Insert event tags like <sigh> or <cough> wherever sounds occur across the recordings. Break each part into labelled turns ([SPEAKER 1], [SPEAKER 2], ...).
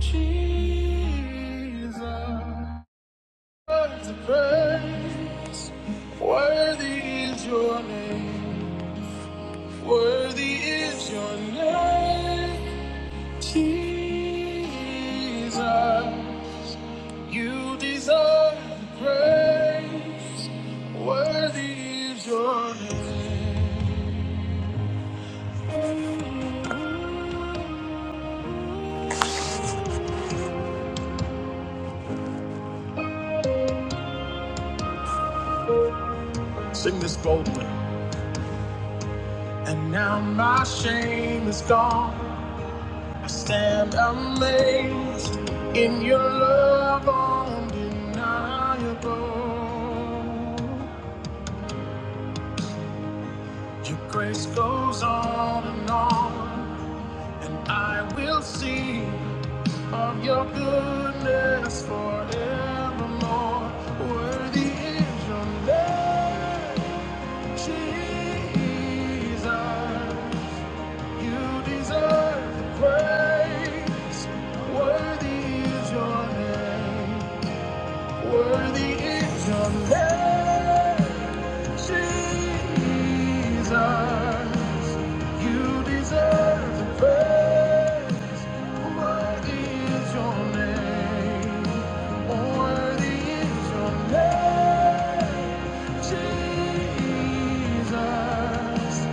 [SPEAKER 1] Jesus, worth praise. Worthy is your name. Worthy is your name. Jesus, you deserve the praise. Worthy is your name. Sing this boldly. And now my shame is gone. I Stand amazed in your love undeniable. Your grace goes on and on, and I will sing of your goodness forevermore. Worthy is your name, Jesus. You deserve the praise. Worthy is your name. Worthy is your name, Jesus. You deserve the praise. Worthy is your name. Worthy is your name, Jesus.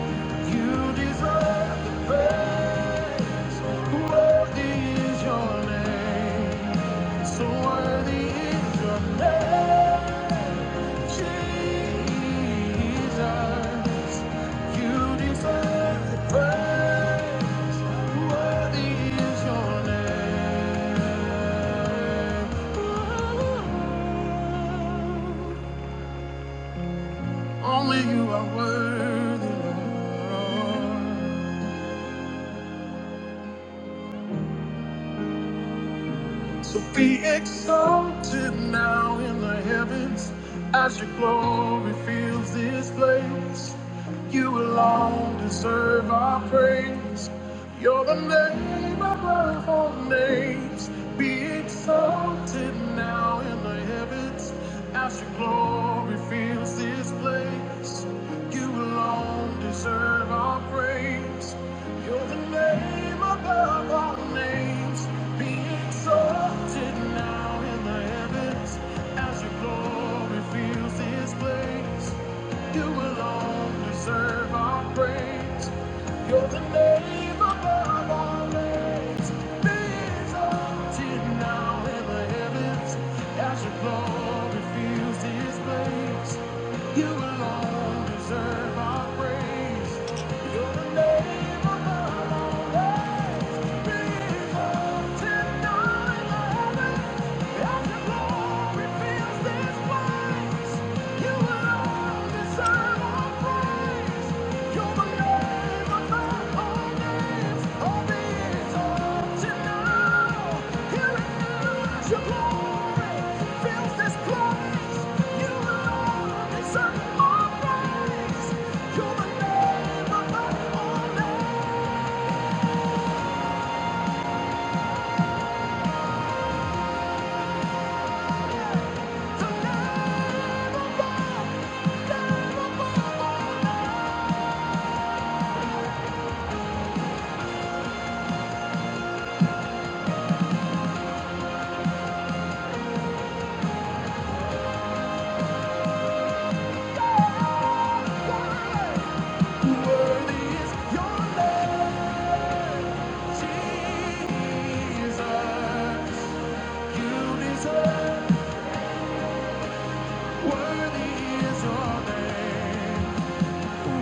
[SPEAKER 1] You deserve the praise. Worthy is your name. So worthy is your name, Jesus. You deserve the praise. Worthy is your name. Only you are worthy, Lord. So be exalted now in the heavens as your glory fills this place. You alone deserve our praise. You're the name above all names. Be exalted now in the heavens as your glory fills this place. You alone deserve our praise. You're the name above all names. Be exalted now in the heavens as your glory fills this place. You alone deserve our praise. You're the name above all names. Be exalted now in the heavens as your glory fills this place. You alone deserve our praise. Your glory fills this place.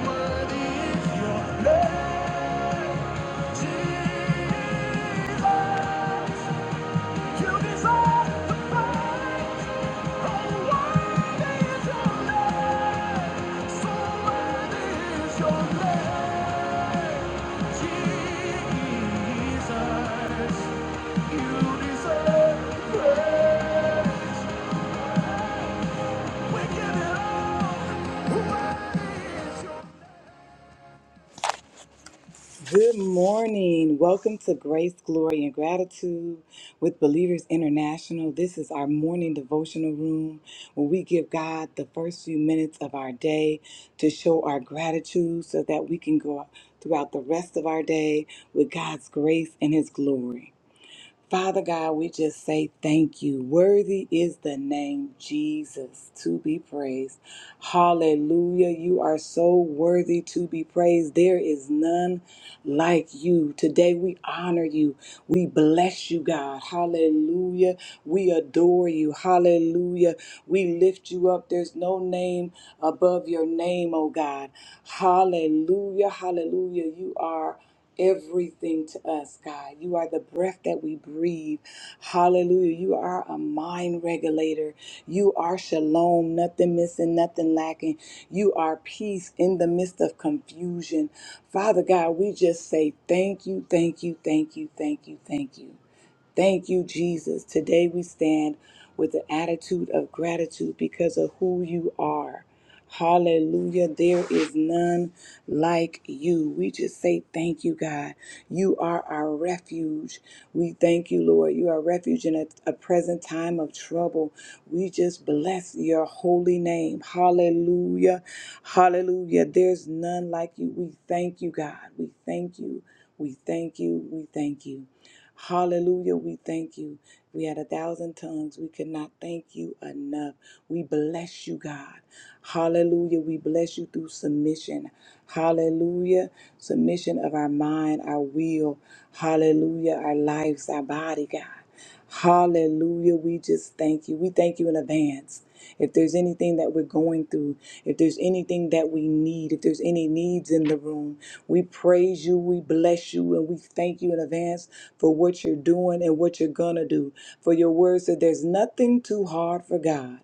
[SPEAKER 1] Worthy is your name, Jesus. You deserve the praise. Oh, worthy your name. So your name, Jesus. You deserve the praise. We give it all. Worthy your Good morning. Welcome to Grace, Glory, and Gratitude with Believers International. This is our morning devotional room where we give God the first few minutes of our day to show our gratitude so that we can go throughout the rest of our day with God's grace and His glory. Father God, we just say thank you. Worthy is the name Jesus to be praised. Hallelujah. You are so worthy to be praised. There is none like you. Today we honor you. We bless you, God. Hallelujah. We adore you. Hallelujah. We lift you up. There's no name above your name, oh God. Hallelujah. Hallelujah. You are everything to us, God. You are the breath that we breathe. Hallelujah. You are a mind regulator. You are shalom, nothing missing, nothing lacking. You are peace in the midst of confusion. Father God, we just say thank you, thank you, thank you, thank you, thank you. Thank you, Jesus. Today we stand with the attitude of gratitude because of who you are. Hallelujah. There is none like you. We just say thank you, God. You are our refuge. We thank you, Lord. You are refuge in a, a present time of trouble. We just bless your holy name. Hallelujah. Hallelujah. There's none like you. We thank you, God. We thank you. We thank you. We thank you. Hallelujah. We thank you. We had a thousand tongues. We could not thank you enough. We bless you, God. Hallelujah. We bless you through submission. Hallelujah. Submission of our mind, our will. Hallelujah. Our lives, our body, God. Hallelujah. We just thank you. We thank you in advance. If there's anything that we're going through, if there's anything that we need, if there's any needs in the room, we praise you, we bless you, and we thank you in advance for what you're doing and what you're going to do. For your word said there's nothing too hard for God.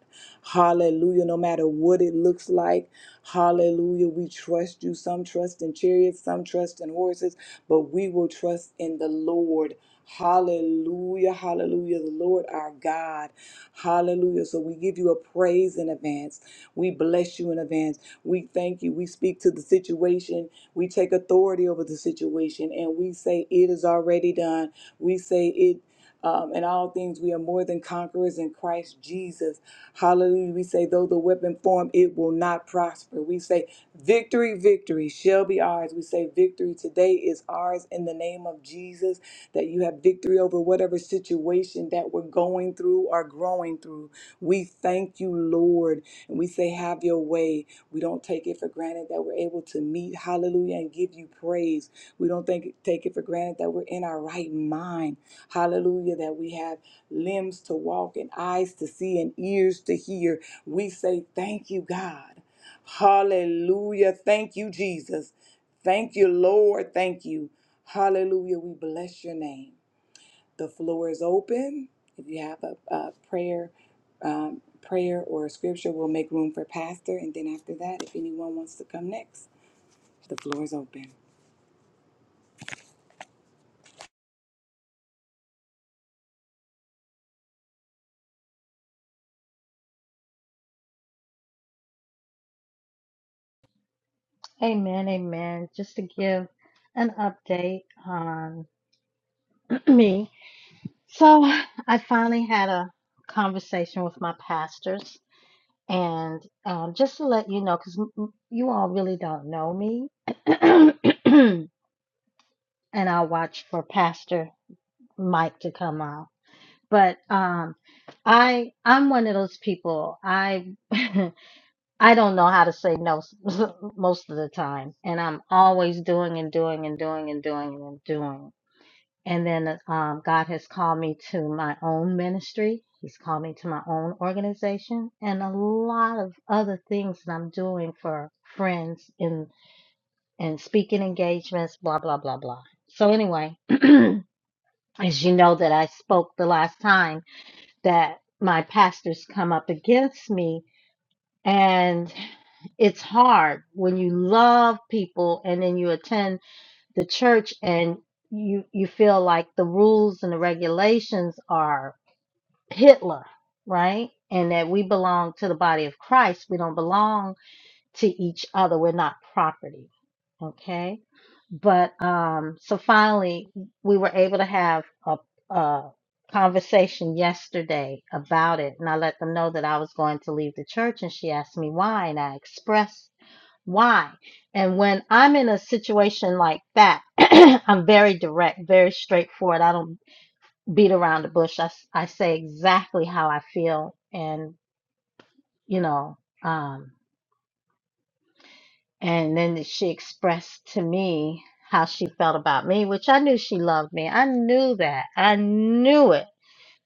[SPEAKER 1] Hallelujah. No matter what it looks like, hallelujah. We trust you. Some trust in chariots, some trust in horses, but we will trust in the Lord. Hallelujah, hallelujah, the Lord our God. Hallelujah. So we give you a praise in advance. We bless you in advance. We thank you. We speak to the situation. We take authority over the situation and we say, It is already done. We say, It um, in all things, we are more than conquerors in Christ Jesus. Hallelujah. We say, though the weapon form, it will not prosper. We say, Victory, victory shall be ours. We say victory today is ours in the name of Jesus, that you have victory over whatever situation that we're going through or growing through. We thank you, Lord, and we say, Have your way. We don't take it for granted that we're able to meet, hallelujah, and give you praise. We don't think, take it for granted that we're in our right mind, hallelujah, that we have limbs to walk and eyes to see and ears to hear. We say, Thank you, God. Hallelujah. Thank you, Jesus. Thank you, Lord. Thank you. Hallelujah. We bless your name. The floor is open. If you have a, a prayer, um, prayer or a scripture, we'll make room for pastor. And then after that, if anyone wants to come next, the floor is open.
[SPEAKER 2] Amen, amen. Just to give an update on <clears throat> me. So, I finally had a conversation with my pastors, and um, just to let you know, because you all really don't know me, <clears throat> and I'll watch for Pastor Mike to come out. But um, I I'm one of those people. I <laughs> I don't know how to say no s- <laughs> most of the time, and I'm always doing and doing and doing and doing and doing. And then um, God has called me to my own ministry. He's called me to my own organization and a lot of other things that I'm doing for friends and and speaking engagements, blah blah blah blah. So anyway, as you know that I spoke the last time that my pastors come up against me And it's hard when you love people and then you attend the church and you you feel like the rules and the regulations are Hitler, right? And that we belong to the body of Christ. We don't belong to each other. We're not property Okay. But um, so finally, we were able to have a, a conversation yesterday about it. And I let them know that I was going to leave the church. And she asked me why. And I expressed why. And when I'm in a situation like that, <clears throat> I'm very direct, very straightforward. I don't beat around the bush. I, s- I say exactly how I feel. And, you know, um, And then she expressed to me how she felt about me, which I knew she loved me. I knew that. I knew it.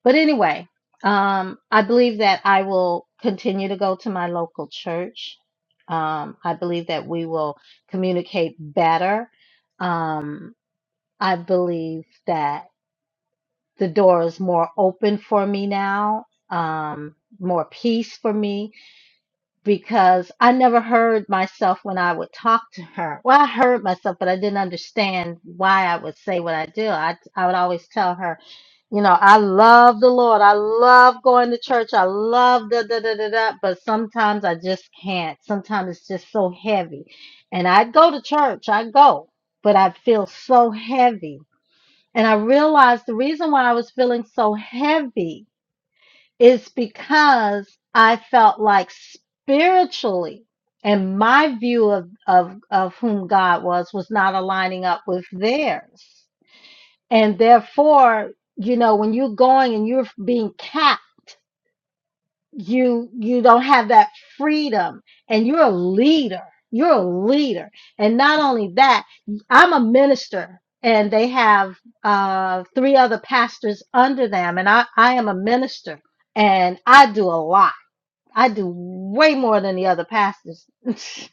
[SPEAKER 2] But anyway, um, I believe that I will continue to go to my local church. Um, I believe that we will communicate better. Um, I believe that the door is more open for me now, um, more peace for me because I never heard myself when I would talk to her. Well, I heard myself, but I didn't understand why I would say what I do. I, I would always tell her, you know, I love the Lord. I love going to church. I love da da da da da. But sometimes I just can't. Sometimes it's just so heavy. And I go to church, I go, but I feel so heavy. And I realized the reason why I was feeling so heavy it's because I felt like spiritually and my view of, of, of whom God was was not aligning up with theirs. And therefore, you know, when you're going and you're being capped, you you don't have that freedom and you're a leader. You're a leader. And not only that, I'm a minister and they have uh, three other pastors under them and I, I am a minister and I do a lot I do way more than the other pastors, <laughs>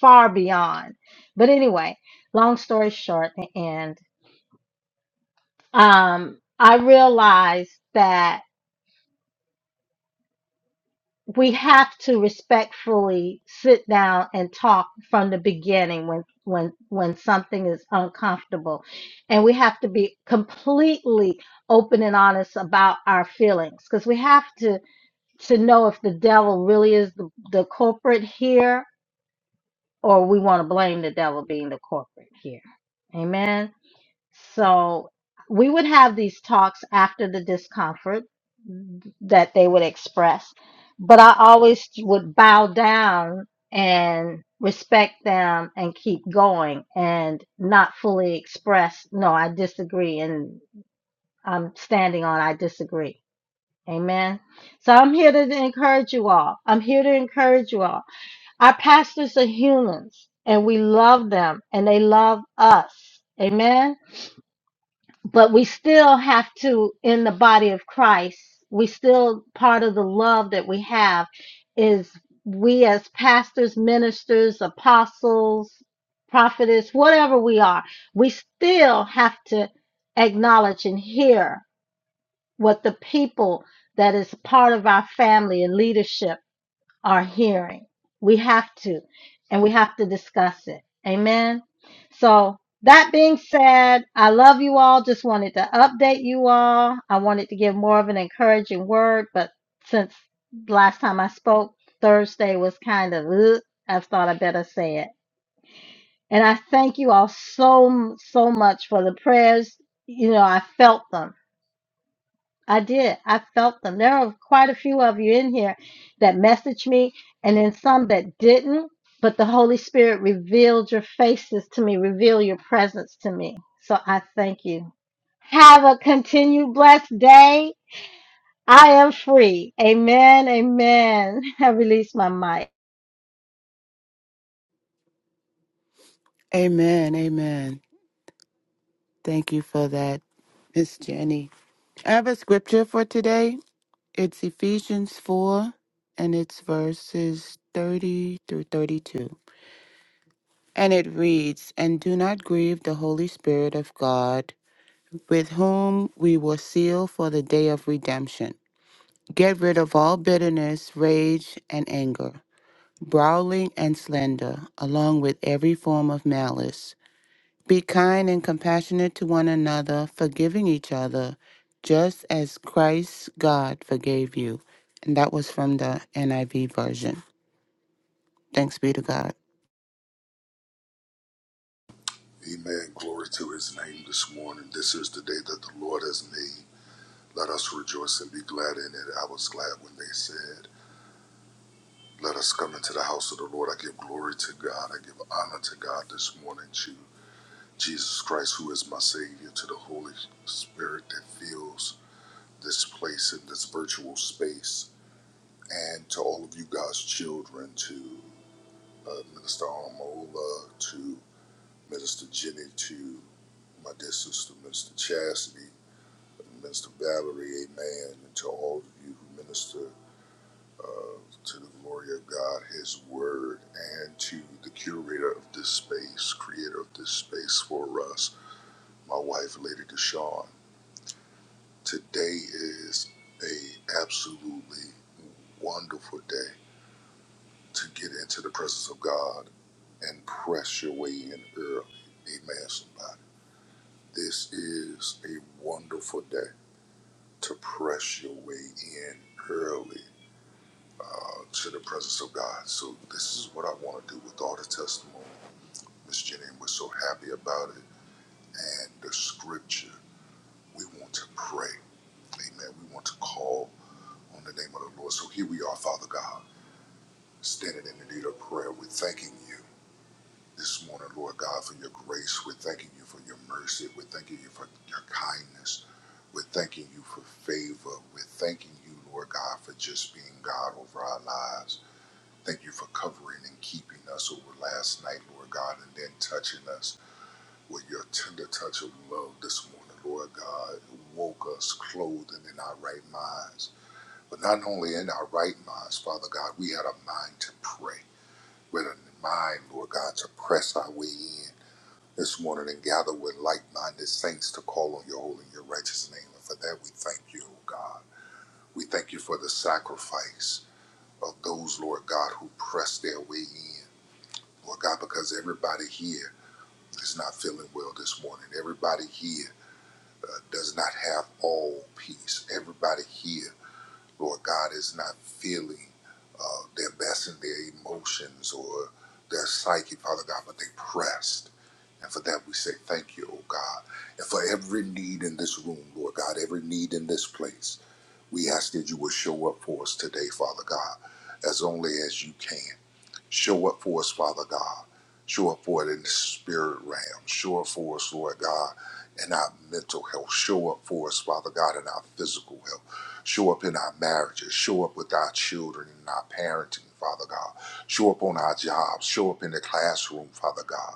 [SPEAKER 2] far beyond. But anyway, long story short, and um, I realized that we have to respectfully sit down and talk from the beginning when when when something is uncomfortable and we have to be completely open and honest about our feelings because we have to to know if the devil really is the, the culprit here or we want to blame the devil being the corporate here. Amen. So we would have these talks after the discomfort that they would express, but I always would bow down and respect them and keep going and not fully express, no, I disagree, and I'm standing on I disagree. Amen. So I'm here to encourage you all. I'm here to encourage you all our pastors are humans and we love them and they love us. Amen. But we still have to, in the body of Christ, we still, part of the love that we have is we as pastors, ministers, apostles, prophetess, whatever we are, we still have to acknowledge and hear what the people that is part of our family and leadership are hearing. We have to, and we have to discuss it. Amen. So, that being said, I love you all. Just wanted to update you all. I wanted to give more of an encouraging word, but since last time I spoke, Thursday was kind of, ugh, I thought I better say it. And I thank you all so, so much for the prayers. You know, I felt them I did. I felt them. There were quite a few of you in here that messaged me, and then some that didn't. But the Holy Spirit revealed your faces to me, reveal your presence to me. So I thank you. Have a continued blessed day. I am free. Amen. Amen. <laughs> I release my mic.
[SPEAKER 3] Amen. Amen. Thank you for that, Miss Jenny. I have a scripture for today. It's Ephesians 4, and it's verses 30 through 32. And it reads, And do not grieve the Holy Spirit of God, with whom we were sealed for the day of redemption. Get rid of all bitterness, rage, and anger, brawling and slander, along with every form of malice. Be kind and compassionate to one another, forgiving each other, just as Christ God forgave you. And that was from the NIV version. Thanks be to God.
[SPEAKER 4] Amen. Glory to his name this morning. This is the day that the Lord has made. Let us rejoice and be glad in it. I was glad when they said, Let us come into the house of the Lord. I give glory to God. I give honor to God this morning to Jesus Christ, who is my Savior, to the Holy Spirit that fills this place in this virtual space, and to all of you God's children, to uh, Minister Armola, to Minister Jenny, to my dear sister, Minister Chastity Minister Valerie, amen, and to all of you who minister uh, to the glory of God, His Word, and to the curator of this space, creator of this space for us, my wife, Lady Deshawn. Today is a absolutely wonderful day to get into the presence of God and press your way in early. Amen, somebody. This is a wonderful day to press your way in early uh, to the presence of God. So this is what I want to do with all the testimony, Miss Jenny, and we're so happy about it. And the scripture, we want to pray. Amen. We want to call on the name of the Lord. So here we are, Father God, standing in the need of prayer. We're thanking you this morning, Lord God, for your grace. We're thanking you for your mercy. We're thanking you for your kindness. We're thanking you for favor. We're thanking you, Lord God, for just being God over our lives. Thank you for covering and keeping us over last night, Lord God, and then touching us with your tender touch of love this morning, Lord God. Woke us clothed and in our right minds. But not only in our right minds, Father God, we had a mind to pray. We had a mind, Lord God, to press our way in this morning and gather with like minded saints to call on your holy and your righteous name. And for that, we thank you, O God. We thank you for the sacrifice of those, Lord God, who pressed their way in. Lord God, because everybody here is not feeling well this morning. Everybody here uh, does not have all peace. Everybody here, Lord God, is not feeling uh, their best in their emotions or their psyche, Father God, but they pressed. And for that, we say thank you, oh God. And for every need in this room, Lord God, every need in this place, we ask that you will show up for us today, Father God, as only as you can. Show up for us, Father God. Show up for it in the spirit realm. Show up for us, Lord God, in our mental health. Show up for us, Father God, in our physical health. Show up in our marriages. Show up with our children and our parenting, Father God. Show up on our jobs. Show up in the classroom, Father God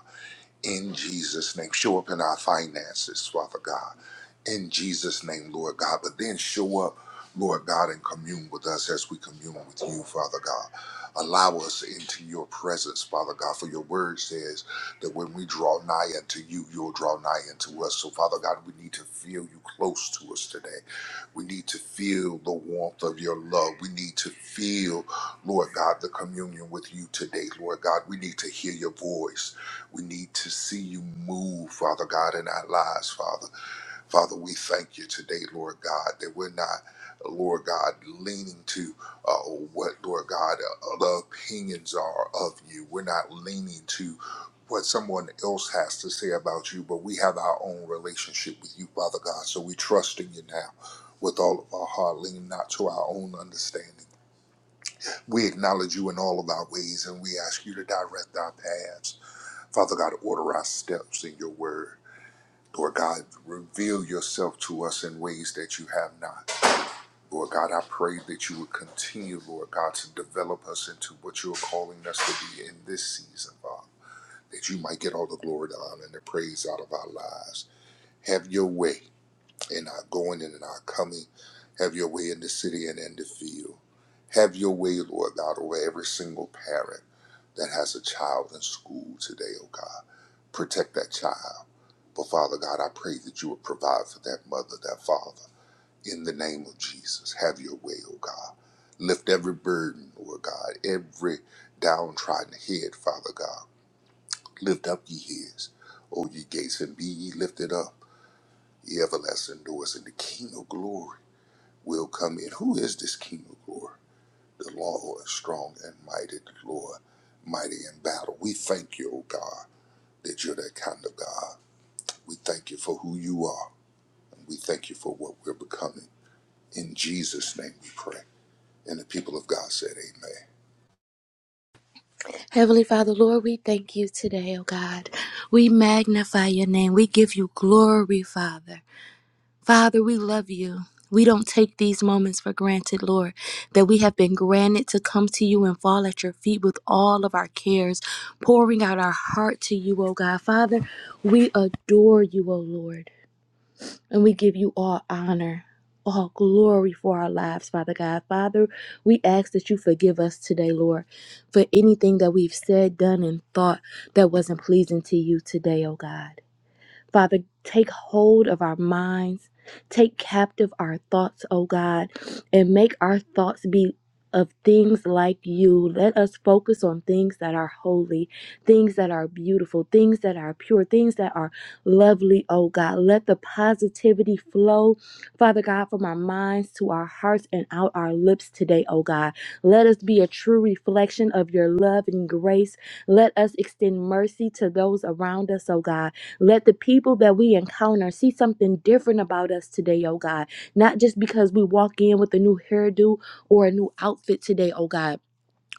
[SPEAKER 4] in Jesus' name. Show up in our finances, Father God, in Jesus' name, Lord God. But then show up, Lord God, and commune with us as we commune with you, Father God. Allow us into your presence, Father God, for your word says that when we draw nigh unto you, you'll draw nigh unto us. So, Father God, we need to feel you close to us today. We need to feel the warmth of your love. We need to feel, Lord God, the communion with you today, Lord God. We need to hear your voice. We need to see you move, Father God, in our lives, Father. Father, we thank you today, Lord God, that we're not, Lord God, leaning to uh, what, Lord God, uh, the opinions are of you. We're not leaning to what someone else has to say about you, but we have our own relationship with you, Father God. So we trust in you now with all of our heart, leaning not to our own understanding. We acknowledge you in all of our ways and we ask you to direct our paths. Father God, order our steps in your word. Lord God, reveal yourself to us in ways that you have not. Lord God, I pray that you would continue, Lord God, to develop us into what you're calling us to be in this season, Father. That you might get all the glory, the honor, and the praise out of our lives. Have your way in our going and in our coming. Have your way in the city and in the field. Have your way, Lord God, over every single parent that has a child in school today, oh God. Protect that child. But Father God, I pray that you would provide for that mother, that father. In the name of Jesus, have your way, O God. Lift every burden, Lord God, every downtrodden head, Father God. Lift up ye heads, O ye gates, and be ye lifted up, ye everlasting doors, and the King of glory will come in. Who is this King of glory? The Lord, is strong and mighty, the Lord, mighty in battle. We thank you, O God, that you're that kind of God. We thank you for who you are. We thank you for what we're becoming. In Jesus' name we pray. And the people of God said, Amen.
[SPEAKER 5] Heavenly Father, Lord, we thank you today, oh God. We magnify your name. We give you glory, Father. Father, we love you. We don't take these moments for granted, Lord, that we have been granted to come to you and fall at your feet with all of our cares, pouring out our heart to you, oh God. Father, we adore you, oh Lord. And we give you all honor, all glory for our lives, Father God. Father, we ask that you forgive us today, Lord, for anything that we've said, done, and thought that wasn't pleasing to you today, oh God. Father, take hold of our minds, take captive our thoughts, O God, and make our thoughts be of things like you. Let us focus on things that are holy, things that are beautiful, things that are pure, things that are lovely, O God. Let the positivity flow, Father God, from our minds to our hearts and out our lips today, O God. Let us be a true reflection of your love and grace. Let us extend mercy to those around us, O God. Let the people that we encounter see something different about us today, oh God. Not just because we walk in with a new hairdo or a new outfit today, oh God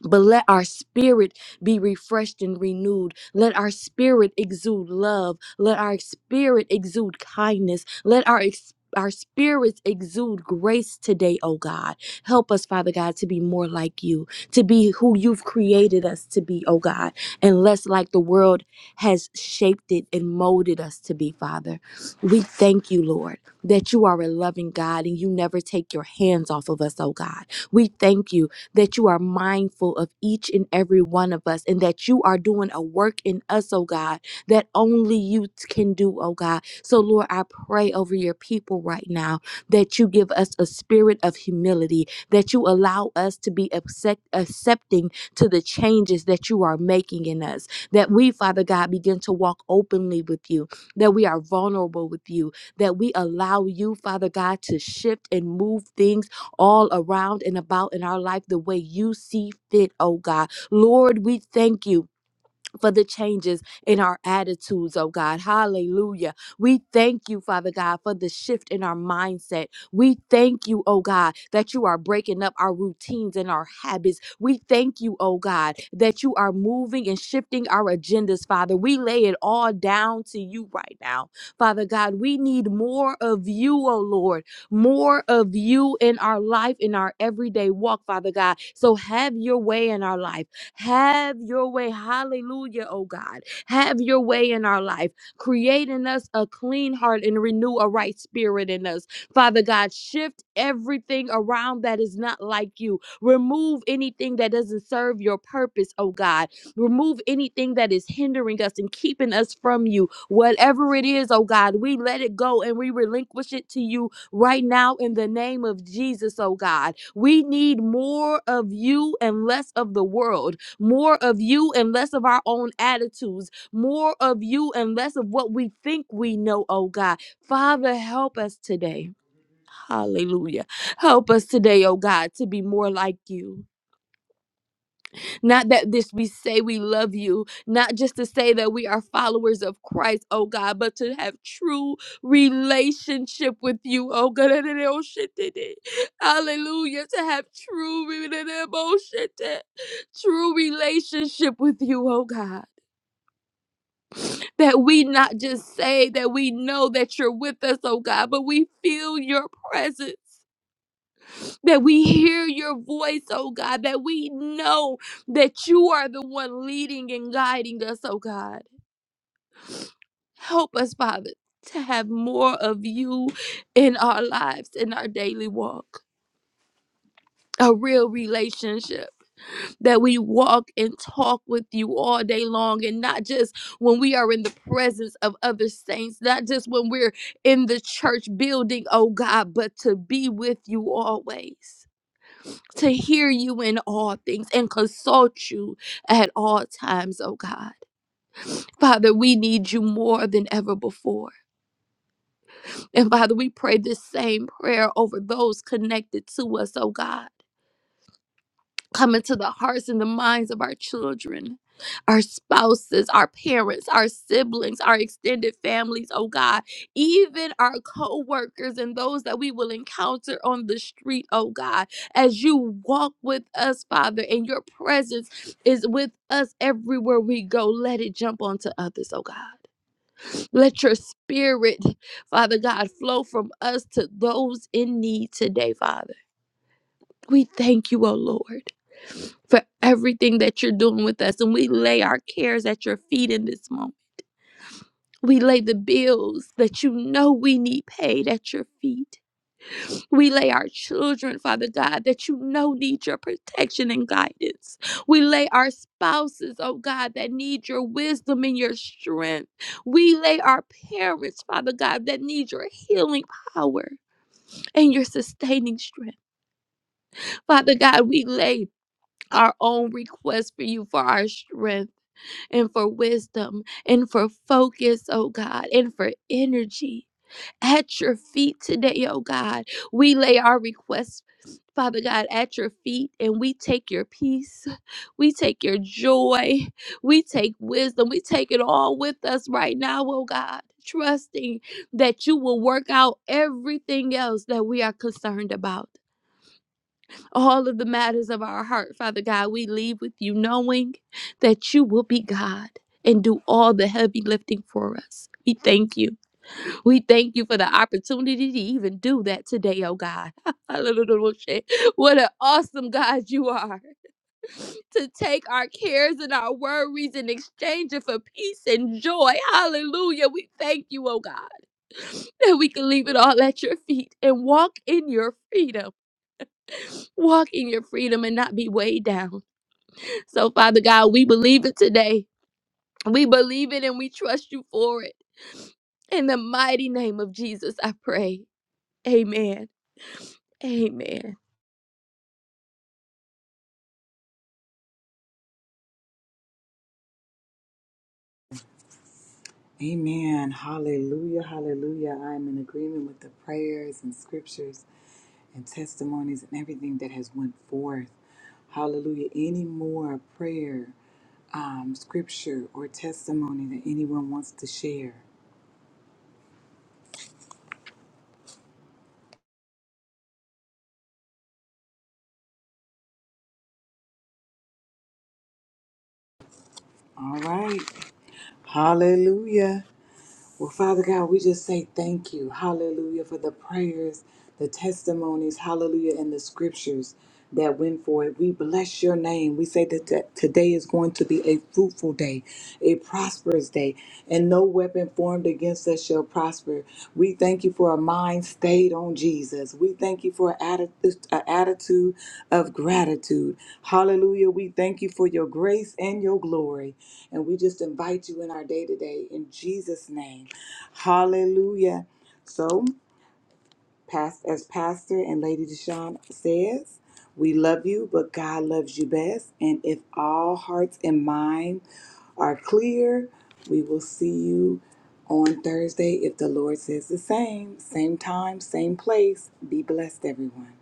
[SPEAKER 5] but let our spirit be refreshed and renewed. Let our spirit exude love. Let our spirit exude kindness. Let our ex- our spirits exude grace today, oh God. Help us, Father God, to be more like you, to be who you've created us to be, oh God, and less like the world has shaped it and molded us to be, Father. We thank you, Lord, that you are a loving God and you never take your hands off of us, oh God. We thank you that you are mindful of each and every one of us and that you are doing a work in us, oh God, that only you t- can do, oh God. So, Lord, I pray over your people right now that you give us a spirit of humility, that you allow us to be accept- accepting to the changes that you are making in us, that we, Father God, begin to walk openly with you, that we are vulnerable with you, that we allow you, Father God, to shift and move things all around and about in our life the way you see fit, oh God. Lord, we thank you for the changes in our attitudes, oh God. Hallelujah. We thank you, Father God, for the shift in our mindset. We thank you, oh God, that you are breaking up our routines and our habits. We thank you, oh God, that you are moving and shifting our agendas, Father. We lay it all down to you right now. Father God, we need more of you, oh Lord, more of you in our life, in our everyday walk, Father God. So have your way in our life. Have your way. Hallelujah, oh God. Have your way in our life. Create in us a clean heart and renew a right spirit in us. Father God, shift everything around that is not like you. Remove anything that doesn't serve your purpose, oh God. Remove anything that is hindering us and keeping us from you. Whatever it is, oh God, we let it go and we relinquish it to you right now in the name of Jesus, oh God. We need more of you and less of the world more of you and less of our own attitudes, more of you and less of what we think we know, oh God. Father, help us today. Hallelujah. Help us today, oh God, to be more like you. Not that this we say we love you, not just to say that we are followers of Christ, oh God, but to have true relationship with you, oh God. <laughs> Hallelujah. To have true relationship, true relationship with you, oh God. That we not just say that we know that you're with us, oh God, but we feel your presence that we hear your voice, oh God, that we know that you are the one leading and guiding us, oh God. Help us, Father, to have more of you in our lives, in our daily walk. A real relationship that we walk and talk with you all day long, and not just when we are in the presence of other saints, not just when we're in the church building, oh God, but to be with you always. to hear you in all things and consult you at all times, oh God. Father, we need you more than ever before. And Father, we pray this same prayer over those connected to us, oh God. come into the hearts and the minds of our children, our spouses, our parents, our siblings, our extended families, oh God, even our co workers and those that we will encounter on the street, oh God, as you walk with us, Father, and your presence is with us everywhere we go. Let it jump onto others, oh God. Let your spirit, Father God, flow from us to those in need today, Father. We thank you, O Lord, for everything that you're doing with us. And we lay our cares at your feet in this moment. We lay the bills that you know we need paid at your feet. We lay our children, Father God, that you know need your protection and guidance. We lay our spouses, oh God, that need your wisdom and your strength. We lay our parents, Father God, that need your healing power and your sustaining strength. Father God, we lay our own request for you for our strength and for wisdom and for focus, oh God, and for energy at your feet today, oh God. We lay our requests. Father God, at your feet, and we take your peace, we take your joy, we take wisdom, we take it all with us right now, oh God, trusting that you will work out everything else that we are concerned about all of the matters of our heart, Father God. We leave with you knowing that you will be God and do all the heavy lifting for us. We thank you. We thank you for the opportunity to even do that today, oh God. <laughs> what an awesome God you are <sighs> to take our cares and our worries and exchange it for peace and joy. Hallelujah. We thank you, oh God, <sighs> that we can leave it all at your feet and walk in your freedom walk in your freedom and not be weighed down. So, Father God, we believe it today. We believe it and we trust you for it. In the mighty name of Jesus, I pray. Amen. Amen.
[SPEAKER 1] Amen. Hallelujah. Hallelujah. I am in agreement with the prayers and scriptures and testimonies and everything that has went forth. Hallelujah. Any more prayer, um, scripture, or testimony that anyone wants to share? All right. Hallelujah. Well, Father God, we just say thank you. Hallelujah for the prayers, the testimonies, hallelujah, and the scriptures that went forth. We bless your name. We say that t- today is going to be a fruitful day, a prosperous day, and no weapon formed against us shall prosper. We thank you for a mind stayed on Jesus. We thank you for an atti- an attitude of gratitude. Hallelujah. We thank you for your grace and your glory. And we just invite you in our day to day in Jesus' name. Hallelujah. So, past, as Pastor and Lady Deshawn says, we love you, but God loves you best. And if all hearts and minds are clear, we will see you on Thursday if the Lord says the same. Same time, same place. Be blessed, everyone.